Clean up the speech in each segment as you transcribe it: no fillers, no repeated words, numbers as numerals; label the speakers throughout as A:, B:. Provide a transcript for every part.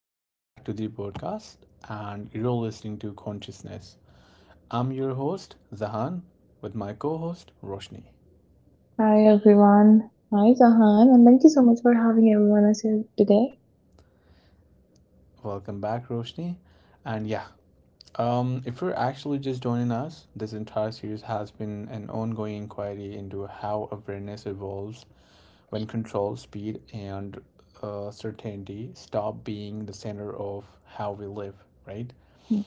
A: Welcome back to the podcast, and you're listening to Consciousness. I'm your host, Zahan, with my co host, Roshni.
B: Hi everyone. Hi Zahan, and thank you so much for having everyone us here today.
A: Welcome back, Roshni. And yeah, if you're actually just joining us, this entire series has been an ongoing inquiry into how awareness evolves when control, speed, and certainty stop being the center of how we live, right?
B: Mm,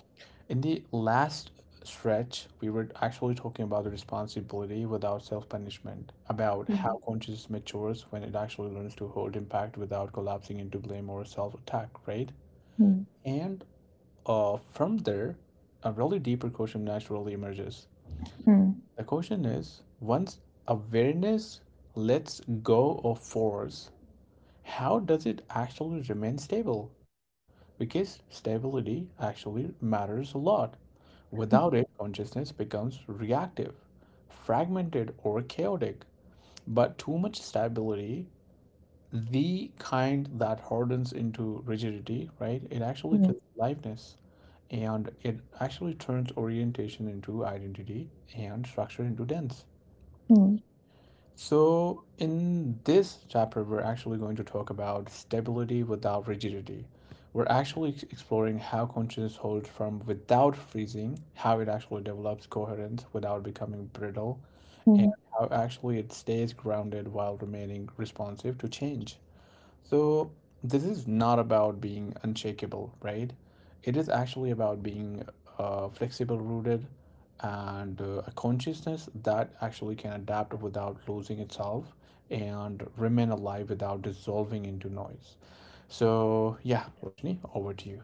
A: In the last stretch, we were actually talking about the responsibility without self punishment, about
B: mm,
A: how consciousness matures when it actually learns to hold impact without collapsing into blame or self attack, right?
B: mm,
A: And from there, a really deeper question naturally emerges.
B: mm,
A: The question is once awareness lets go of force, how does it actually remain stable? Because stability actually matters a lot. Without it, consciousness becomes reactive, fragmented, or chaotic. But too much stability, the kind that hardens into rigidity, right? It actually
B: mm,
A: kills aliveness and it actually turns orientation into identity and structure into dense.
B: mm.
A: So, in this chapter, we're actually going to talk about stability without rigidity. We're actually exploring how consciousness holds firm without freezing, how it actually develops coherence without becoming brittle, and
B: mm.
A: how actually it stays grounded while remaining responsive to change. So, this is not about being unshakable, right? It is actually about being flexible rooted and a consciousness that actually can adapt without losing itself and remain alive without dissolving into noise. So, yeah, Roshni, over to you.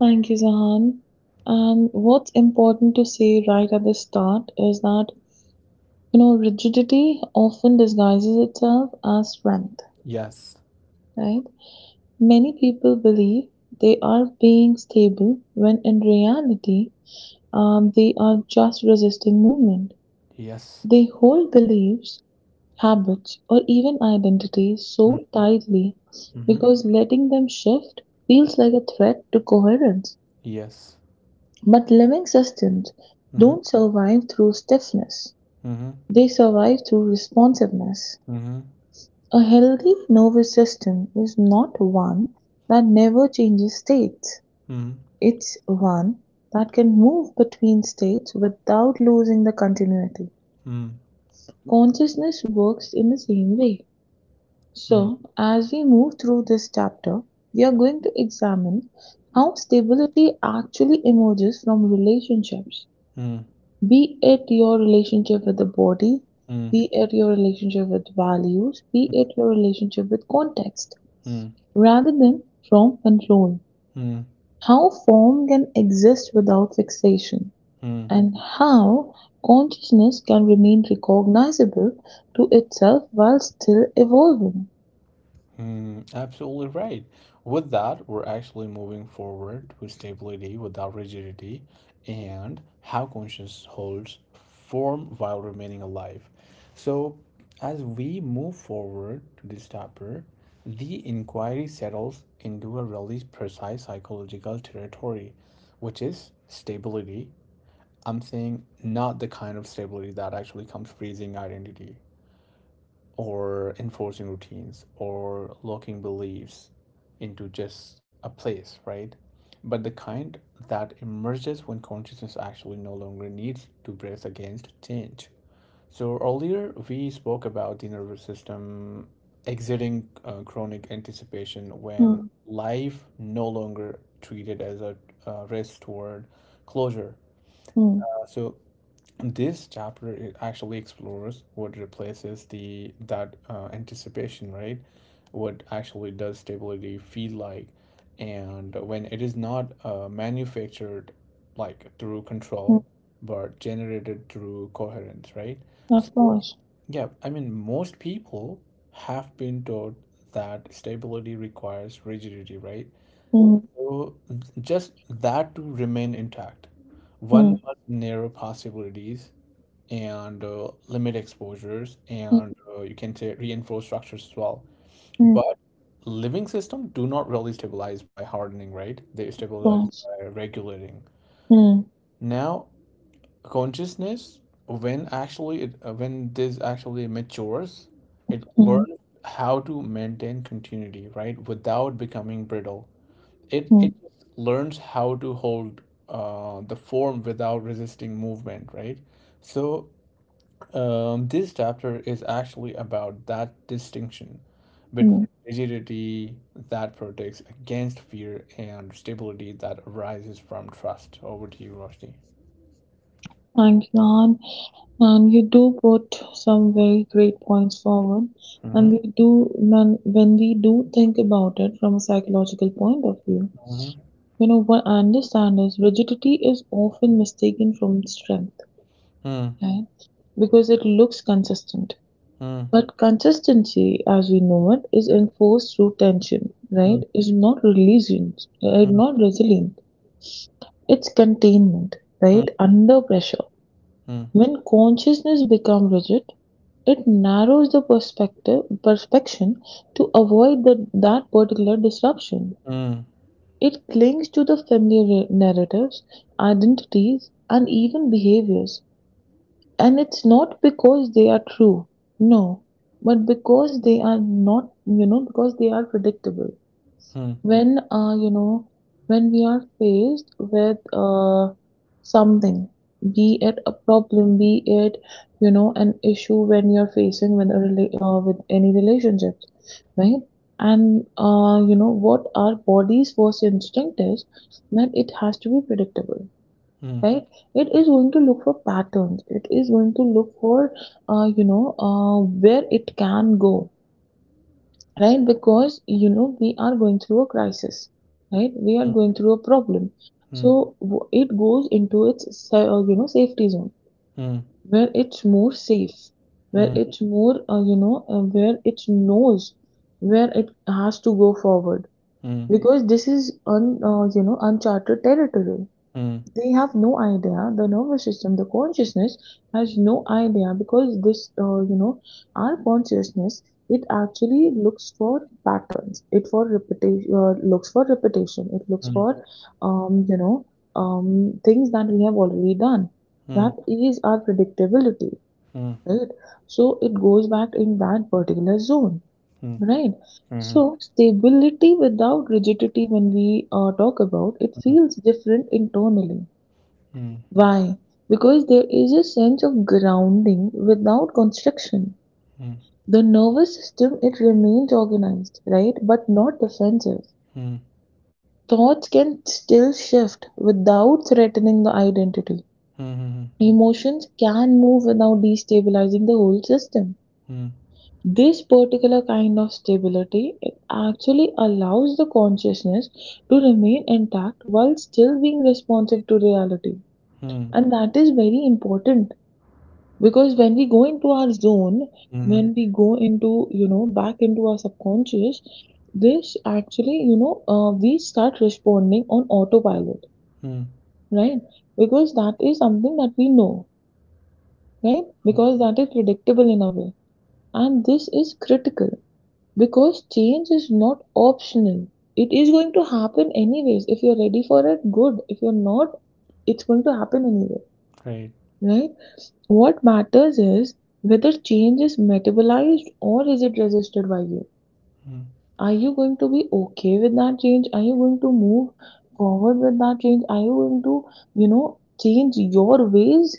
B: Thank you, Zahan. And what's important to say right at the start is that, you know, rigidity often disguises itself as strength,
A: Yes,
B: right? Many people believe they are being stable when in reality they are just resisting movement.
A: yes,
B: They hold beliefs, habits, or even identities so tightly
A: mm-hmm.
B: because letting them shift feels like a threat to coherence.
A: Yes,
B: But living systems
A: mm-hmm.
B: don't survive through stiffness, they survive through responsiveness.
A: Mm-hmm.
B: A healthy nervous system is not one that never changes states.
A: Mm-hmm.
B: It's one that can move between states without losing the continuity.
A: Mm-hmm.
B: Consciousness works in the same way. So, as we move through this chapter, we are going to examine how stability actually emerges from relationships,
A: Mm-hmm.
B: be it your relationship with the body,
A: Mm-hmm.
B: be it your relationship with values, be it your relationship with context,
A: Mm-hmm.
B: rather than from control. How form can exist without fixation,
A: Mm-hmm.
B: and how consciousness can remain recognizable to itself while still evolving.
A: Mm, absolutely right. With that, we're actually moving forward with stability without rigidity and how consciousness holds form while remaining alive. So, as we move forward to this chapter, the inquiry settles into a really precise psychological territory, which is stability. I'm saying not the kind of stability that actually comes freezing identity, or enforcing routines or locking beliefs into just a place, right? But the kind that emerges when consciousness actually no longer needs to brace against change. So, earlier we spoke about the nervous system exiting chronic anticipation when
B: Mm,
A: life no longer treated as a race toward closure.
B: mm,
A: So, this chapter it actually explores what replaces the that anticipation, right? What actually does stability feel like and when it is not manufactured like through control
B: mm,
A: but generated through coherence, right?
B: of
A: So
B: course.
A: yeah, I mean most people have been taught that stability requires rigidity, right?
B: Mm,
A: So just that to remain intact one
B: mm,
A: must narrow possibilities and limit exposures
B: mm,
A: and you can say reinforce structures as well,
B: mm,
A: but living system do not really stabilize by hardening, right? They
B: of
A: stabilize
B: course.
A: by regulating.
B: Mm,
A: Now consciousness when actually it when this actually matures it
B: mm,
A: learns how to maintain continuity, right, without becoming brittle. It
B: mm,
A: learns how to hold the form without resisting movement, right? So this chapter is actually about that distinction between
B: mm.
A: rigidity that protects against fear and stability that arises from trust. Over to you, Rushdie.
B: Thank you, Anne. And you do put some very great points forward. And
A: Mm-hmm.
B: when we do think about it from a psychological point of view,
A: Mm-hmm.
B: you know, what I understand is rigidity is often mistaken from strength, right? Because it looks consistent.
A: Mm, mm, mm,
B: But consistency, as we know it, is enforced through tension, right?
A: mm,
B: Is not resilience,
A: mm,
B: right?
A: mm,
B: Not resilient. It's containment, right? Under pressure. When consciousness becomes rigid, it narrows the perspective perspection to avoid that particular disruption. It clings to the familiar narratives, identities, and even behaviors. And it's not because they are true, no, but because they are not, you know, because they are predictable. When, uh, you know, when we are faced with something, be it a problem, be it, you know, an issue when you're facing with a with any relationships, right? And you know what our body's first instinct is, that it has to be predictable,
A: mm, mm, mm, mm,
B: right? It is going to look for patterns, it is going to look for, uh, you know uh, where it can go, right? Because you know we are going through a crisis, right? We are
A: mm,
B: going through a problem. So it goes into its you know safety zone, where it's more safe, where it's more where it knows where it has to go forward, because this is you know uncharted territory. They have no idea, the nervous system, the consciousness has no idea, because this you know, our consciousness, it actually looks for patterns, it for repetition looks for repetition, it looks for, um, you know things that we have already done. That is our predictability,
A: mm, mm,
B: right? So it goes back in that particular zone,
A: mm, mm, mm, mm, mm,
B: right? So stability without rigidity, when we talk about it, feels different internally. Why? Because there is a sense of grounding without constriction. The nervous system, it remains organized, right? But not defensive.
A: mhm, mm, mm, mm, mm, mm, mm, mm,
B: Thoughts can still shift without threatening the identity. Emotions can move without destabilizing the whole system. This particular kind of stability, it actually allows the consciousness to remain intact while still being responsive to reality. And that is very important, because when we go into our zone,
A: mm, mm, mm.
B: when we go into, you know, back into our subconscious, this actually, you know, we start responding on autopilot,
A: Mm.
B: right? Because that is something that we know, right? Because that is predictable in a way. And this is critical, because change is not optional. It is going to happen anyways. If you're ready for it, good. If you're not, it's going to happen anyway,
A: Great.
B: right? What matters is whether change is metabolized or is it resisted by you.
A: Mm.
B: Are you going to be okay with that change? Are you going to move forward with that change? Are you going to, you know, change your ways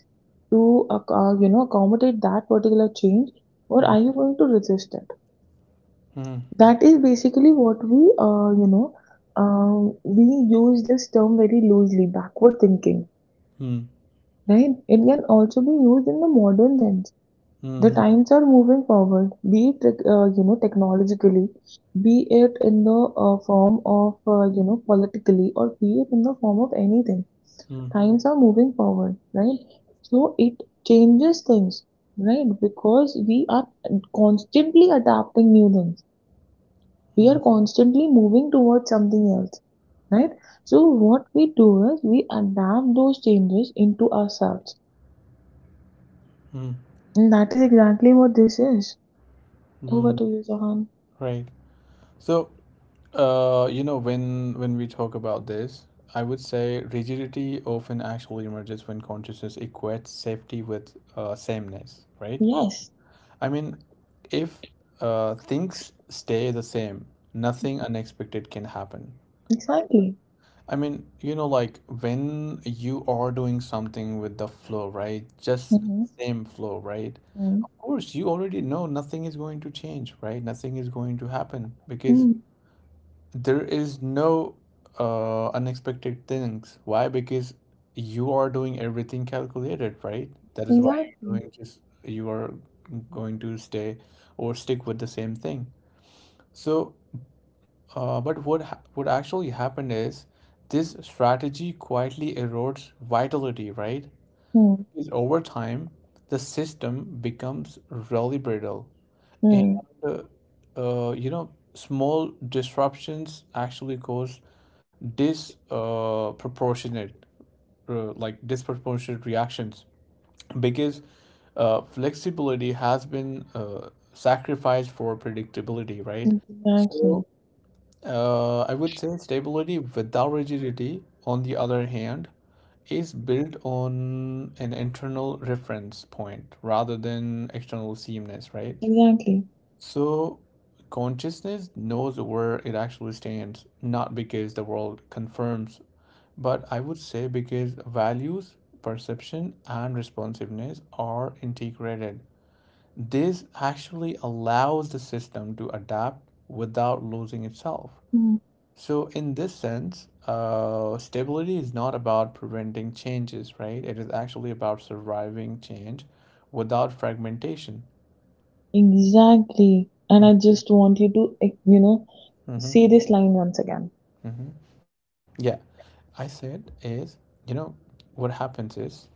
B: to you know, accommodate that particular change? Or
A: Mm,
B: are you going to resist it?
A: mm,
B: That is basically what we, we use this term very loosely, backward thinking,
A: mm,
B: right? It can also be used in the modern sense. The
A: mm,
B: times are moving forward, be it you know, technologically, be it in the form of you know, politically, or be it in the form of anything.
A: mm,
B: Times are moving forward, right? So it changes things, right? Because we are constantly adapting new things. We
A: mm,
B: are constantly moving towards something else, right? So what we do is we adapt those changes into ourselves,
A: mm,
B: and that is exactly what this is. Over
A: mm.
B: to you, Jahan.
A: Right. So, you know, when we talk about this, I would say rigidity often actually emerges when consciousness equates safety with sameness, right?
B: Yes.
A: I mean, if things stay the same, nothing unexpected can happen, right?
B: Exactly.
A: I mean, you know, like when you are doing something with the flow, right? Just
B: Mhm.
A: same flow, right?
B: Mm.
A: Course, you already know nothing is going to change, right? Nothing is going to happen because
B: Mm.
A: there is no unexpected things. Why? Because you are doing everything calculated, right? That is why you're
B: Exactly.
A: doing just you are going to stay or stick with the same thing. So, but what actually happened is this strategy quietly erodes vitality, right?
B: Mm.
A: Because over time, the system becomes really brittle. And
B: Mm.
A: uh, you know, small disruptions actually cause dis proportionate, like disproportionate reactions because flexibility has been sacrificed for predictability, right? So
B: Exactly.
A: I would say stability without rigidity, on the other hand, is built on an internal reference point rather than external sameness, right?
B: Exactly.
A: So, consciousness knows where it actually stands, not because the world confirms, but I would say because values, perception, and responsiveness are integrated. This actually allows the system to adapt without losing itself.
B: Mm.
A: So, in this sense, stability is not about preventing changes, right? It is actually about surviving change without fragmentation.
B: Exactly. And
A: Mm-hmm.
B: I just want you to, you know,
A: Mm-hmm.
B: say this line once again.
A: Mm-hmm. Yeah, I said is, you know, what happens is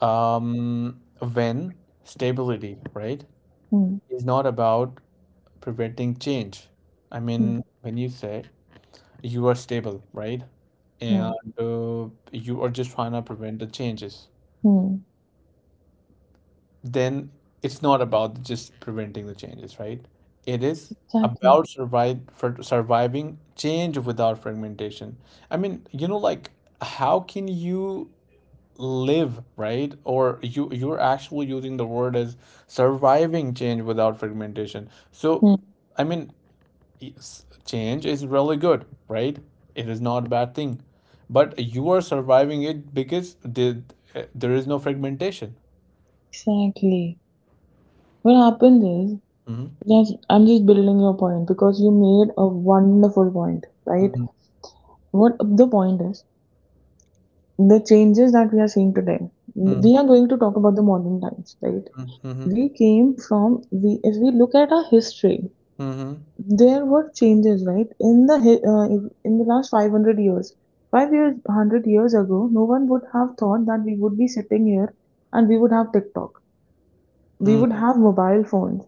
A: when stability, right,
B: Mm.
A: is not about preventing change. I
B: Mm.
A: mean, when you say you are stable, right, and
B: Mm.
A: you are just trying to prevent the changes,
B: Mm.
A: then it's not about just preventing the changes, right? It is
B: Exactly.
A: about survive for surviving change without fragmentation. I mean, you know, like how can you live, right? Or you you're actually using the word as surviving change without fragmentation. So,
B: Mm.
A: I mean, it's- change is really good, right? It is not a bad thing, but you are surviving it because the, there is no fragmentation.
B: Exactly. What happened is,
A: Hmm.
B: just I'm just building your point because you made a wonderful point, right?
A: Mm,
B: What the point is, the changes that we are seeing today,
A: mm,
B: we are going to talk about the modern times, right?
A: mm,
B: We came from, we if we look at our history,
A: mhm, mhm,
B: there were changes, right? In the in the last 500 years. 5 years, 100 years ago, no one would have thought that we would be sitting here and we would have TikTok, we
A: mm,
B: would have mobile phones,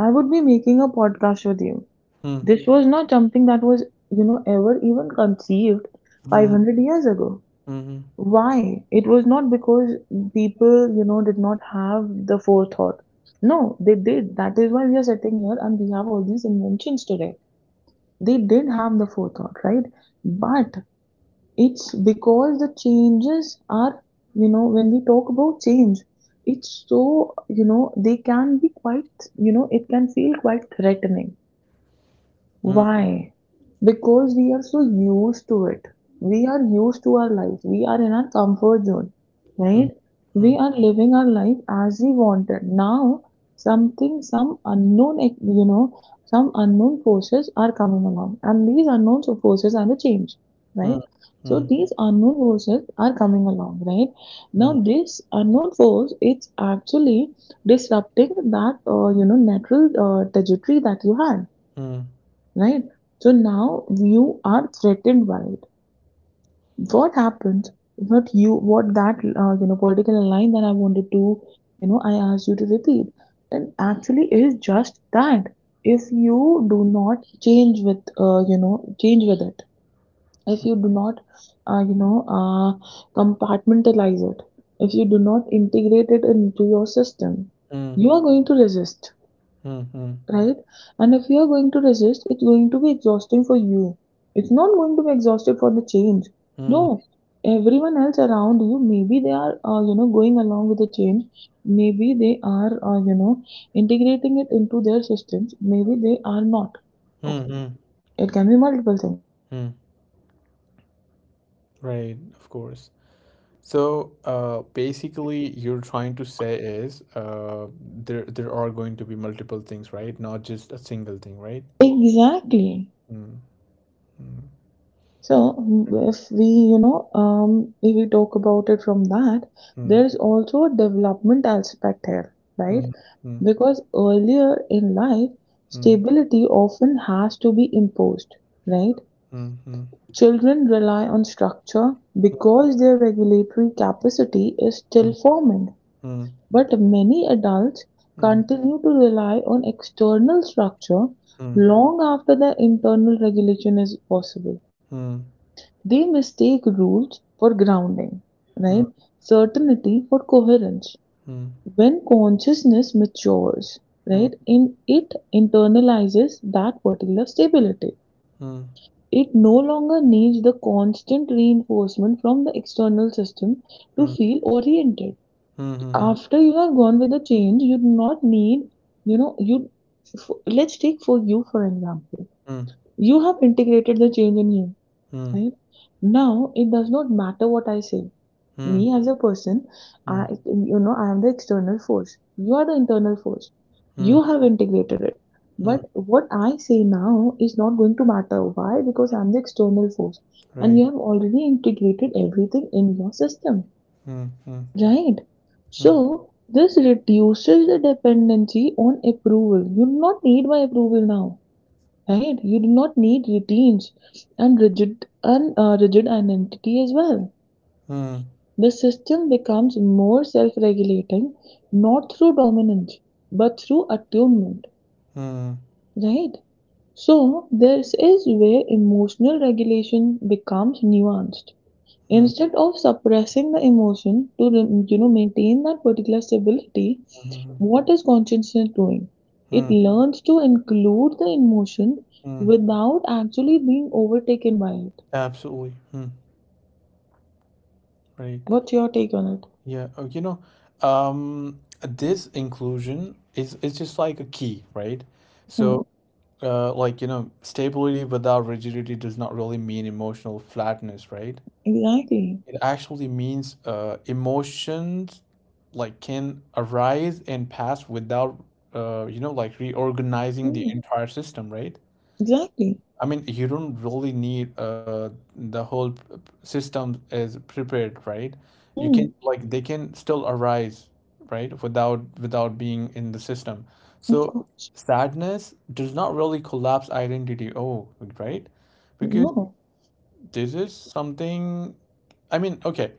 B: I would be making a podcast with you.
A: mm, mm,
B: This was not something that was, you know, ever even conceived
A: mhm,
B: 500 years ago.
A: mm, mm, mm, mm,
B: Why? It was not because people, you know, did not have the forethought. No, they did. That is why we are sitting here and we have all these inventions today. They did have the forethought, right? But it's because the changes are, you know, when we talk about change, it's so, you know, they can be quite, you know, it can feel quite threatening. Why? Because we are so used to it. We are used to our lives. We are in our comfort zone, right? We are living our life as we wanted. Now, something, some unknown, you know, some unknown forces are coming along, and these unknown forces are the change, right? So these unknown forces are coming along, right? Now, this unknown force, it's actually disrupting that, you know, natural trajectory that you had, right? So now you are threatened by it. What happens? What you? What that you know, particular line that I wanted to, you know, I asked you to repeat. That actually is just that. If you do not change with, you know, change with it. If you do not, uh, you know uh, compartmentalize it. If you do not integrate it into your system,
A: mm,
B: you are going to resist,
A: mm, mm, mm, mm, mm,
B: right? And if you are going to resist, it's going to be exhausting for you. It's not going to be exhausted for the change.
A: mm, mm,
B: No, everyone else around you, maybe they are, you know, going along with the change. Maybe they are, you know, integrating it into their systems. Maybe they are not.
A: mm, mm, mm. Right, of course. So, basically, you're trying to say is there are going to be multiple things, right? Not just a single thing, right?
B: Exactly.
A: Mm, mm,
B: So if we, you know, if we talk about it from that,
A: mm,
B: there's also a development aspect here,
A: mm, mm, mm, mm, mm, mm, mm, mm, mm, mm, mm, mm, mm, mm, mm,
B: right?
A: mm, mm, mm,
B: Because earlier in life, stability often has to be imposed, right? Children rely on structure because their regulatory capacity is still forming. But many adults continue to rely on external structure long after the internal regulation is possible. They mistake rules for grounding, right?
A: mm,
B: Certainty for coherence. When consciousness matures, right, in it internalizes that particular stability. It no longer needs the constant reinforcement from the external system to feel oriented. After you have gone with the change, you do not need, you know, you. Let's take for you for example. You have integrated the change in you, right? Now it does not matter what I say. Me as a person,
A: mm,
B: I, you know, I am the external force. You are the internal force. You
A: mm,
B: have integrated it.
A: mm,
B: But what I say now is not going to matter. Why? Because I'm the external force. And
A: right.
B: you have already integrated everything in your system.
A: Mm, mm,
B: Right.
A: mm, mm,
B: So this reduces the dependency on approval. You do not need my approval now, right? You do not need routines and rigid identity as well.
A: mm,
B: The system becomes more self-regulating, not through dominance, but through attunement, right? So, this is where emotional regulation becomes nuanced.
A: mm,
B: Instead of suppressing the emotion to, you know, maintain that particular stability,
A: mm,
B: what is consciousness doing? It
A: mm,
B: learns to include the emotion
A: mm.
B: without actually being overtaken by it.
A: Absolutely. Mm. Absolutely. Right.
B: What's your take on it?
A: Yeah. Oh, you know, this inclusion is it's just like a key, right?
B: Hmm,
A: So, like, you know, stability without rigidity does not really mean emotional flatness, right?
B: exactly.
A: It actually means emotions like can arise and pass without you know, like reorganizing the
B: Hmm,
A: entire system, right?
B: exactly.
A: I mean, you don't really need the whole system is prepared, right? You can
B: Hmm.
A: like they can still arise, right? Without without being in the system.
B: Of
A: So
B: course.
A: sadness does not really collapse identity. Oh, right? Because
B: No.
A: this is something. I mean, okay.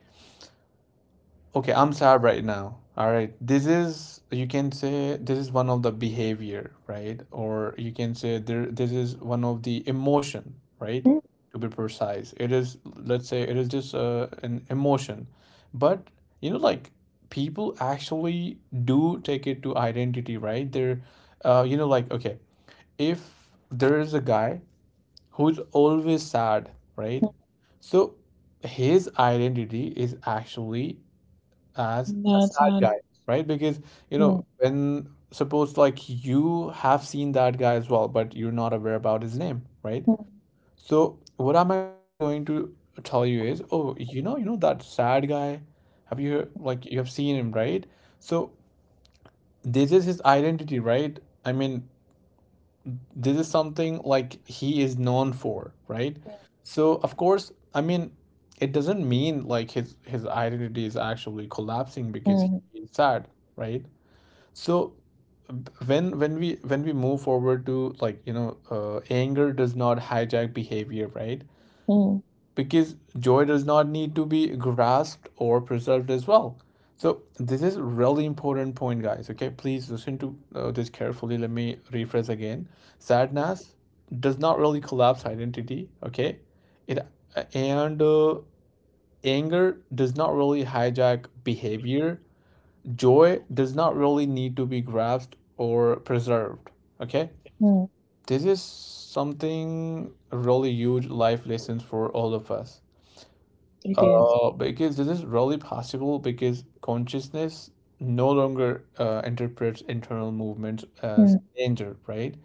A: Okay, I'm sad right now. All right. This is, you can say, this is one of the behavior, right? Or you can say there, this is one of the emotion, right?
B: Mm,
A: To be precise, it is, let's say, it is just an emotion. But, you know, like people actually do take it to identity, right? They're, you know, like, okay, if there is a guy who's always sad, right?
B: mm,
A: So his identity is actually as a
B: That's
A: sad
B: hard.
A: guy, right? Because, you know,
B: Mm,
A: when suppose like you have seen that guy as well, but you're not aware about his name, right?
B: mm,
A: So what I'm actually going to tell you is, oh, you know that sad guy. Have you like you have seen him, right? So this is his identity, right? I mean, this is something like he is known for, right? So of course, I mean, it doesn't mean like his identity is actually collapsing because
B: mm,
A: he's sad, right? So when when we move forward to like you know anger does not hijack behavior, right?
B: mm,
A: Because joy does not need to be grasped or preserved as well. So this is really important point, guys. Okay, please listen to this carefully. Let me rephrase again. Sadness does not really collapse identity. Okay, it and anger does not really hijack behavior, joy does not really need to be grasped or preserved, okay?
B: mm.
A: This is something really huge life lessons for all of us,
B: It is.
A: uh, because this is really possible because consciousness no longer interprets internal movements as
B: Mm.
A: danger, right?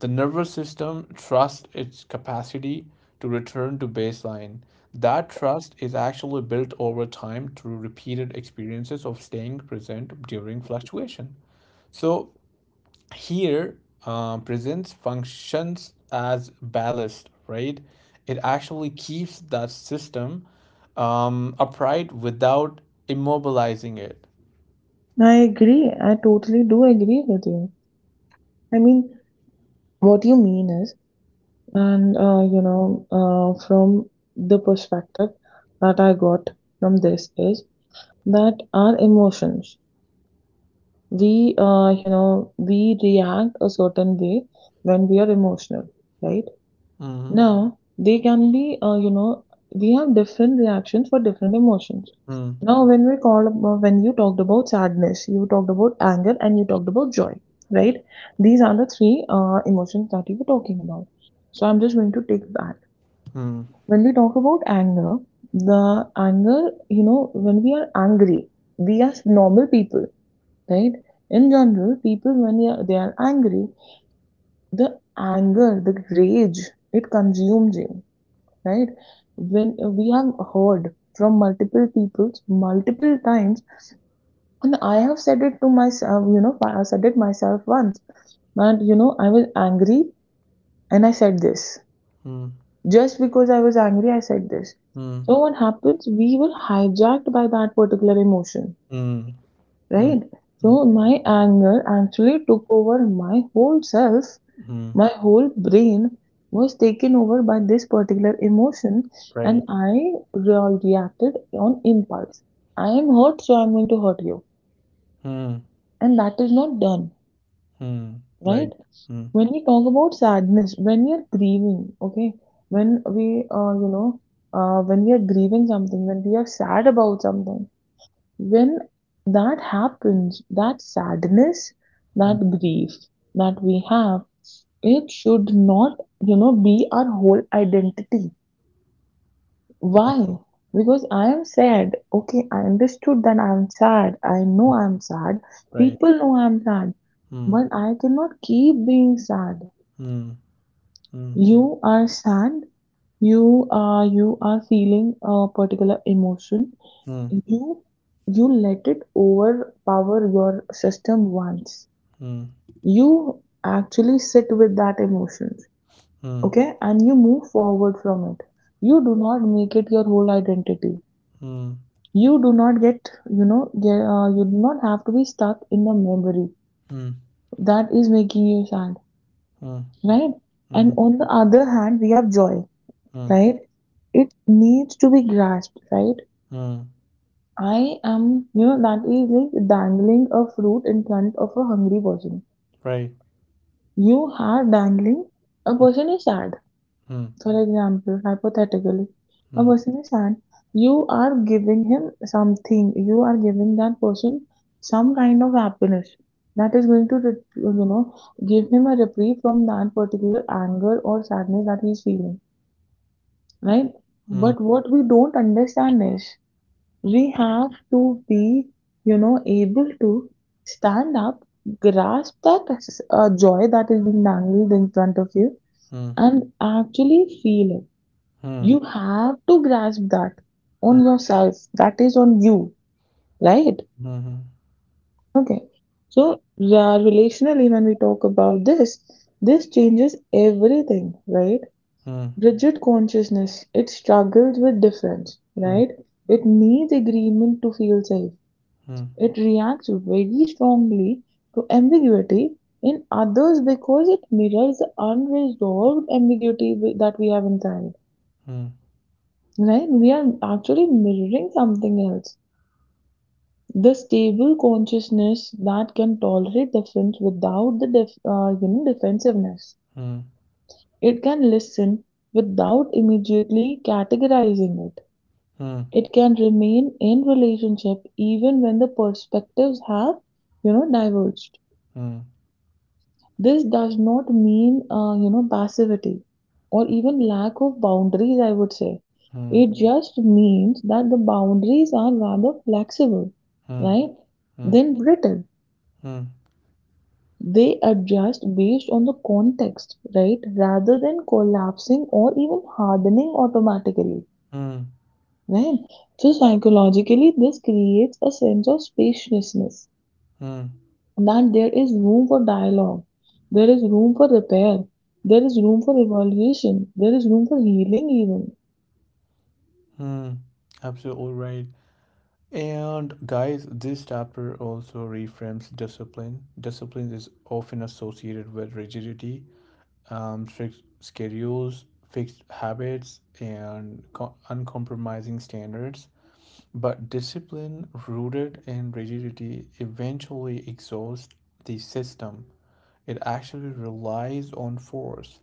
A: The nervous system trusts its capacity to return to baseline. That trust is actually built over time through repeated experiences of staying present during fluctuation. So here, presence functions as ballast, right? It actually keeps that system upright without immobilizing it.
B: I agree. I totally do agree with you. I mean, what you mean is, from the perspective that I got from this is that our emotions, we react a certain way when we are emotional, right?
A: Mm-hmm.
B: Now, they can be, we have different reactions for different emotions.
A: Mm,
B: Now, when you talked about sadness, you talked about anger, and you talked about joy, right? These are the three emotions that you were talking about. So, I'm just going to take that.
A: mm,
B: When we talk about anger, the anger, you know, when we are angry, we are normal people, right? In general, people when they are angry, the anger, the rage, it consumes you, right? When we have heard from multiple people, multiple times, and I have said it to myself, you know, I said it myself once, and you know, I was angry and I said this.
A: mm,
B: Just because I was angry, I said this.
A: mm,
B: So what happens? We were hijacked by that particular emotion,
A: mm, mm,
B: right?
A: mm,
B: So my anger actually took over my whole self.
A: mm,
B: My whole brain was taken over by this particular emotion,
A: right.
B: and I reacted on impulse. I am hurt, so I'm going to hurt you.
A: Mm,
B: And that is not done,
A: mm,
B: right?
A: right. Mm,
B: When we talk about sadness, when we are grieving, okay, when we, uh, you know, when we are grieving something, when we are sad about something, when that happens, that sadness,
A: mm,
B: that grief that we have, it should not, you know, be our whole identity.
A: mm,
B: Why? Because I am sad. Okay, I understood that I am sad. I know
A: mm,
B: I am sad.
A: right.
B: People know I am sad.
A: Mm,
B: But I cannot keep being sad.
A: mm, mm,
B: You are sad. You are feeling a particular emotion.
A: mm,
B: You you let it overpower your system once.
A: mm, mm,
B: You actually sit with that emotion,
A: mm, mm,
B: okay, and you move forward from it. You do not make it your whole identity. You do not get you know get, You do not have to be stuck in the memory that is making you sad,
A: mm,
B: right? And
A: mm,
B: on the other hand, we have joy,
A: mm,
B: right? It needs to be grasped, right?
A: mm,
B: I am you know That is like dangling a fruit in front of a hungry person.
A: right.
B: You are dangling A person is sad.
A: Hmm.
B: For example, hypothetically, a person is sad, you are giving him something, you are giving that person some kind of happiness that is going to, give him a reprieve from that particular anger or sadness that he's feeling, right?
A: Hmm.
B: But what we don't understand is we have to be, you know, able to stand up, grasp that joy that is being dangled in front of you,
A: Hmm.
B: and actually feel it.
A: Hmm.
B: You have to grasp that
A: Hmm.
B: on yourself, that is on you, right?
A: Hmm. Mhm,
B: Okay, so yeah, relationally, when we talk about this, this changes everything, right? Rigid consciousness, it struggles with difference,
A: Hmm.
B: right? It needs agreement to feel safe.
A: Hmm.
B: It reacts very strongly to ambiguity in others, because it mirrors the unresolved that we have inside, right? We are actually mirroring something else. The stable consciousness that can tolerate difference without the defensiveness,
A: Hmm. Hmm.
B: it can listen without immediately categorizing it.
A: Hmm. Hmm.
B: It can remain in relationship even when the perspectives have, you know, diverged.
A: Hmm.
B: This does not mean passivity or even lack of boundaries, I would say. It just means that the boundaries are rather flexible,
A: Hmm. Hmm.
B: right?
A: Hmm.
B: Than brittle.
A: Hmm.
B: They adjust based on the context, right? Rather than collapsing or even hardening automatically,
A: Hmm.
B: right? So psychologically, this creates a sense of spaciousness,
A: Mm,
B: that there is room for dialogue, there is room for repair, there is room for evolution, there is room for healing even.
A: mm. Absolutely right. And guys, this chapter also reframes discipline. Discipline is often associated with rigidity, strict schedules, fixed habits, and uncompromising standards. But discipline rooted in rigidity eventually exhausts the system. It actually relies on force.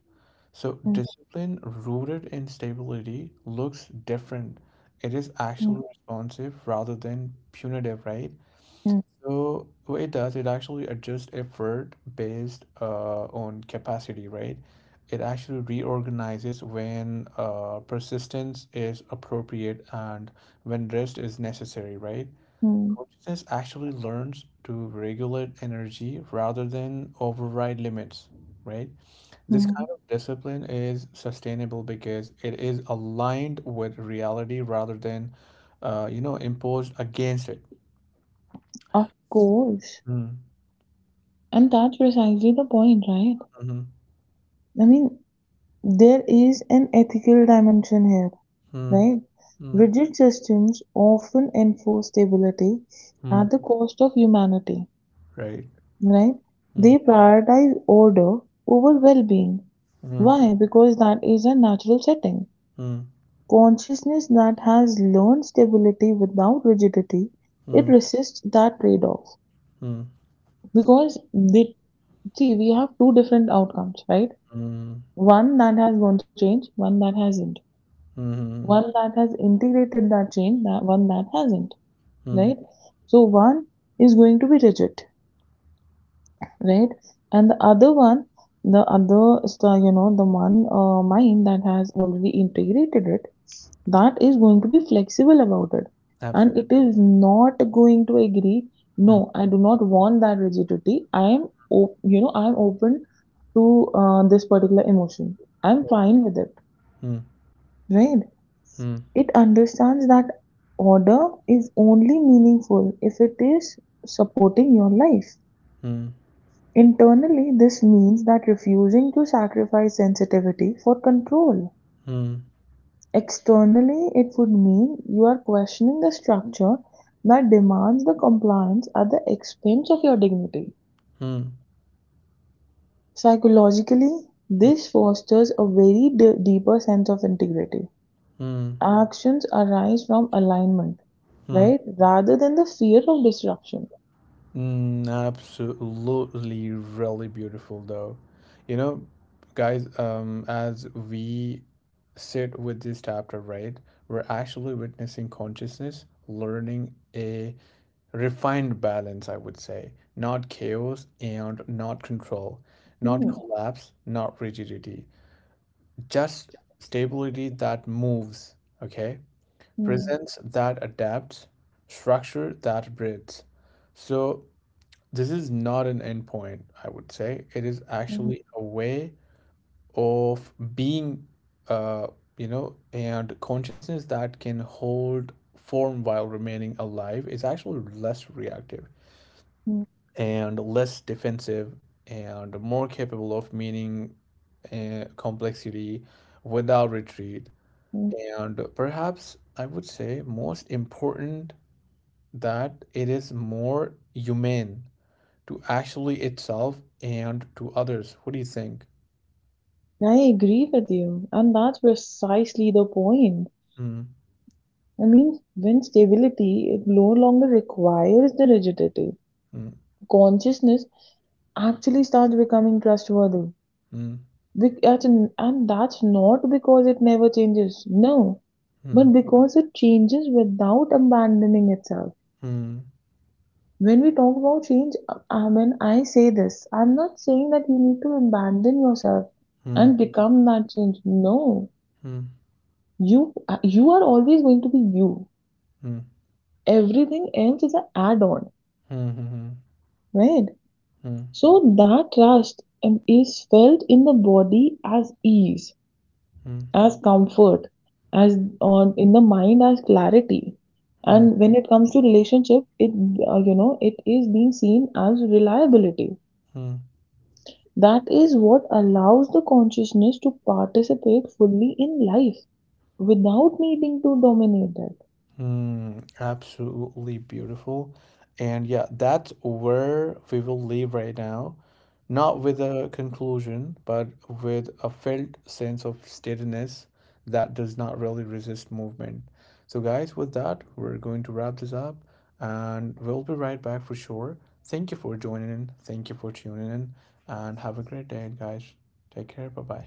A: So,
B: Mm,
A: discipline rooted in stability looks different. It is
B: mm,
A: actually responsive rather than punitive, right?
B: mm,
A: So, what it does, it actually adjusts effort based on capacity, right? It actually reorganizes when persistence is appropriate and when rest is necessary, right?
B: mm,
A: Consciousness actually learns to regulate energy rather than override limits, right? This kind
B: mm.
A: of discipline is sustainable because it is aligned with reality rather than, you know, imposed against it.
B: Of course.
A: Mm,
B: And that's precisely the point, right?
A: mhm,
B: I mean, there is an ethical dimension here.
A: mm,
B: Right?
A: mm,
B: Rigid systems often enforce stability
A: mm,
B: at the cost of humanity,
A: right.
B: right?
A: Mm,
B: They prioritize order over well-being.
A: mm,
B: Why? Because that is a natural setting.
A: mm,
B: Consciousness that has learned stability without rigidity, it
A: mm,
B: resists that trade-off.
A: mm,
B: Because they, see, we have two different outcomes, right?
A: mm,
B: One that has gone through change, one that hasn't.
A: mm,
B: One that has integrated that change, that one that hasn't.
A: mm,
B: Right? So one is going to be rigid, right? And the other one, the other, the, you know, the one mind that has already integrated it, that is going to be flexible about it. And
A: absolutely.
B: it is not going to agree,
A: Mm,
B: no, I do not want that rigidity. I am, you know, I am open to this particular emotion. I'm fine with it,
A: mm,
B: right?
A: mm,
B: It understands that order is only meaningful if it is supporting your life.
A: mm,
B: Internally, this means that refusing to sacrifice sensitivity for control.
A: mm, mm,
B: Externally, it would mean you are questioning the structure that demands the compliance at the expense of your dignity.
A: mm, mm,
B: Psychologically, this fosters a very deeper sense of integrity.
A: mm,
B: Actions arise from alignment,
A: mm.
B: right, rather than the fear of disruption.
A: Mm, absolutely, really beautiful though. You know, guys, as we sit with this chapter, right, we're actually witnessing consciousness learning a refined balance, I would say, not chaos and not control, not Mhm.
B: Mhm.
A: collapse, not rigidity, just stability that moves, okay?
B: Hmm.
A: Presence that adapts, structure that breathes. So, this is not an endpoint, I would say. It is
B: Mhm.
A: actually a way of being, uh, you know, and consciousness that can hold form while remaining alive is actually less reactive
B: Mm,
A: and less defensive and more capable of meaning and complexity without retreat.
B: mm.
A: And perhaps I would say most important that it is more humane to actually itself and to others. What do you think?
B: I agree with you, and that's precisely the point.
A: Mm,
B: I mean, when stability, it no longer requires the rigidity,
A: mm,
B: consciousness actually starts becoming trustworthy.
A: mm,
B: And that's not because it never changes, no, but
A: mm,
B: because it changes without abandoning itself.
A: mm,
B: When we talk about change, when I say this, I'm not saying that you need to abandon yourself
A: mm,
B: and become that change. No,
A: mm,
B: you are always going to be you.
A: mm,
B: Everything else is an add-on,
A: mm, mm,
B: right?
A: mm,
B: So that trust is felt in the body as ease,
A: mm,
B: as comfort, as on in the mind as clarity.
A: mm,
B: And when it comes to relationship, it it is being seen as reliability.
A: mm.
B: That is what allows the consciousness to participate fully in life, without needing to dominate it.
A: Mm, absolutely beautiful. And yeah, that's where we will leave right now. Not with a conclusion, but with a felt sense of steadiness that does not really resist movement. So, guys, with that, we're going to wrap this up and we'll be right back for sure. Thank you for joining in. Thank you for tuning in and have a great day, guys. Take care. Bye bye.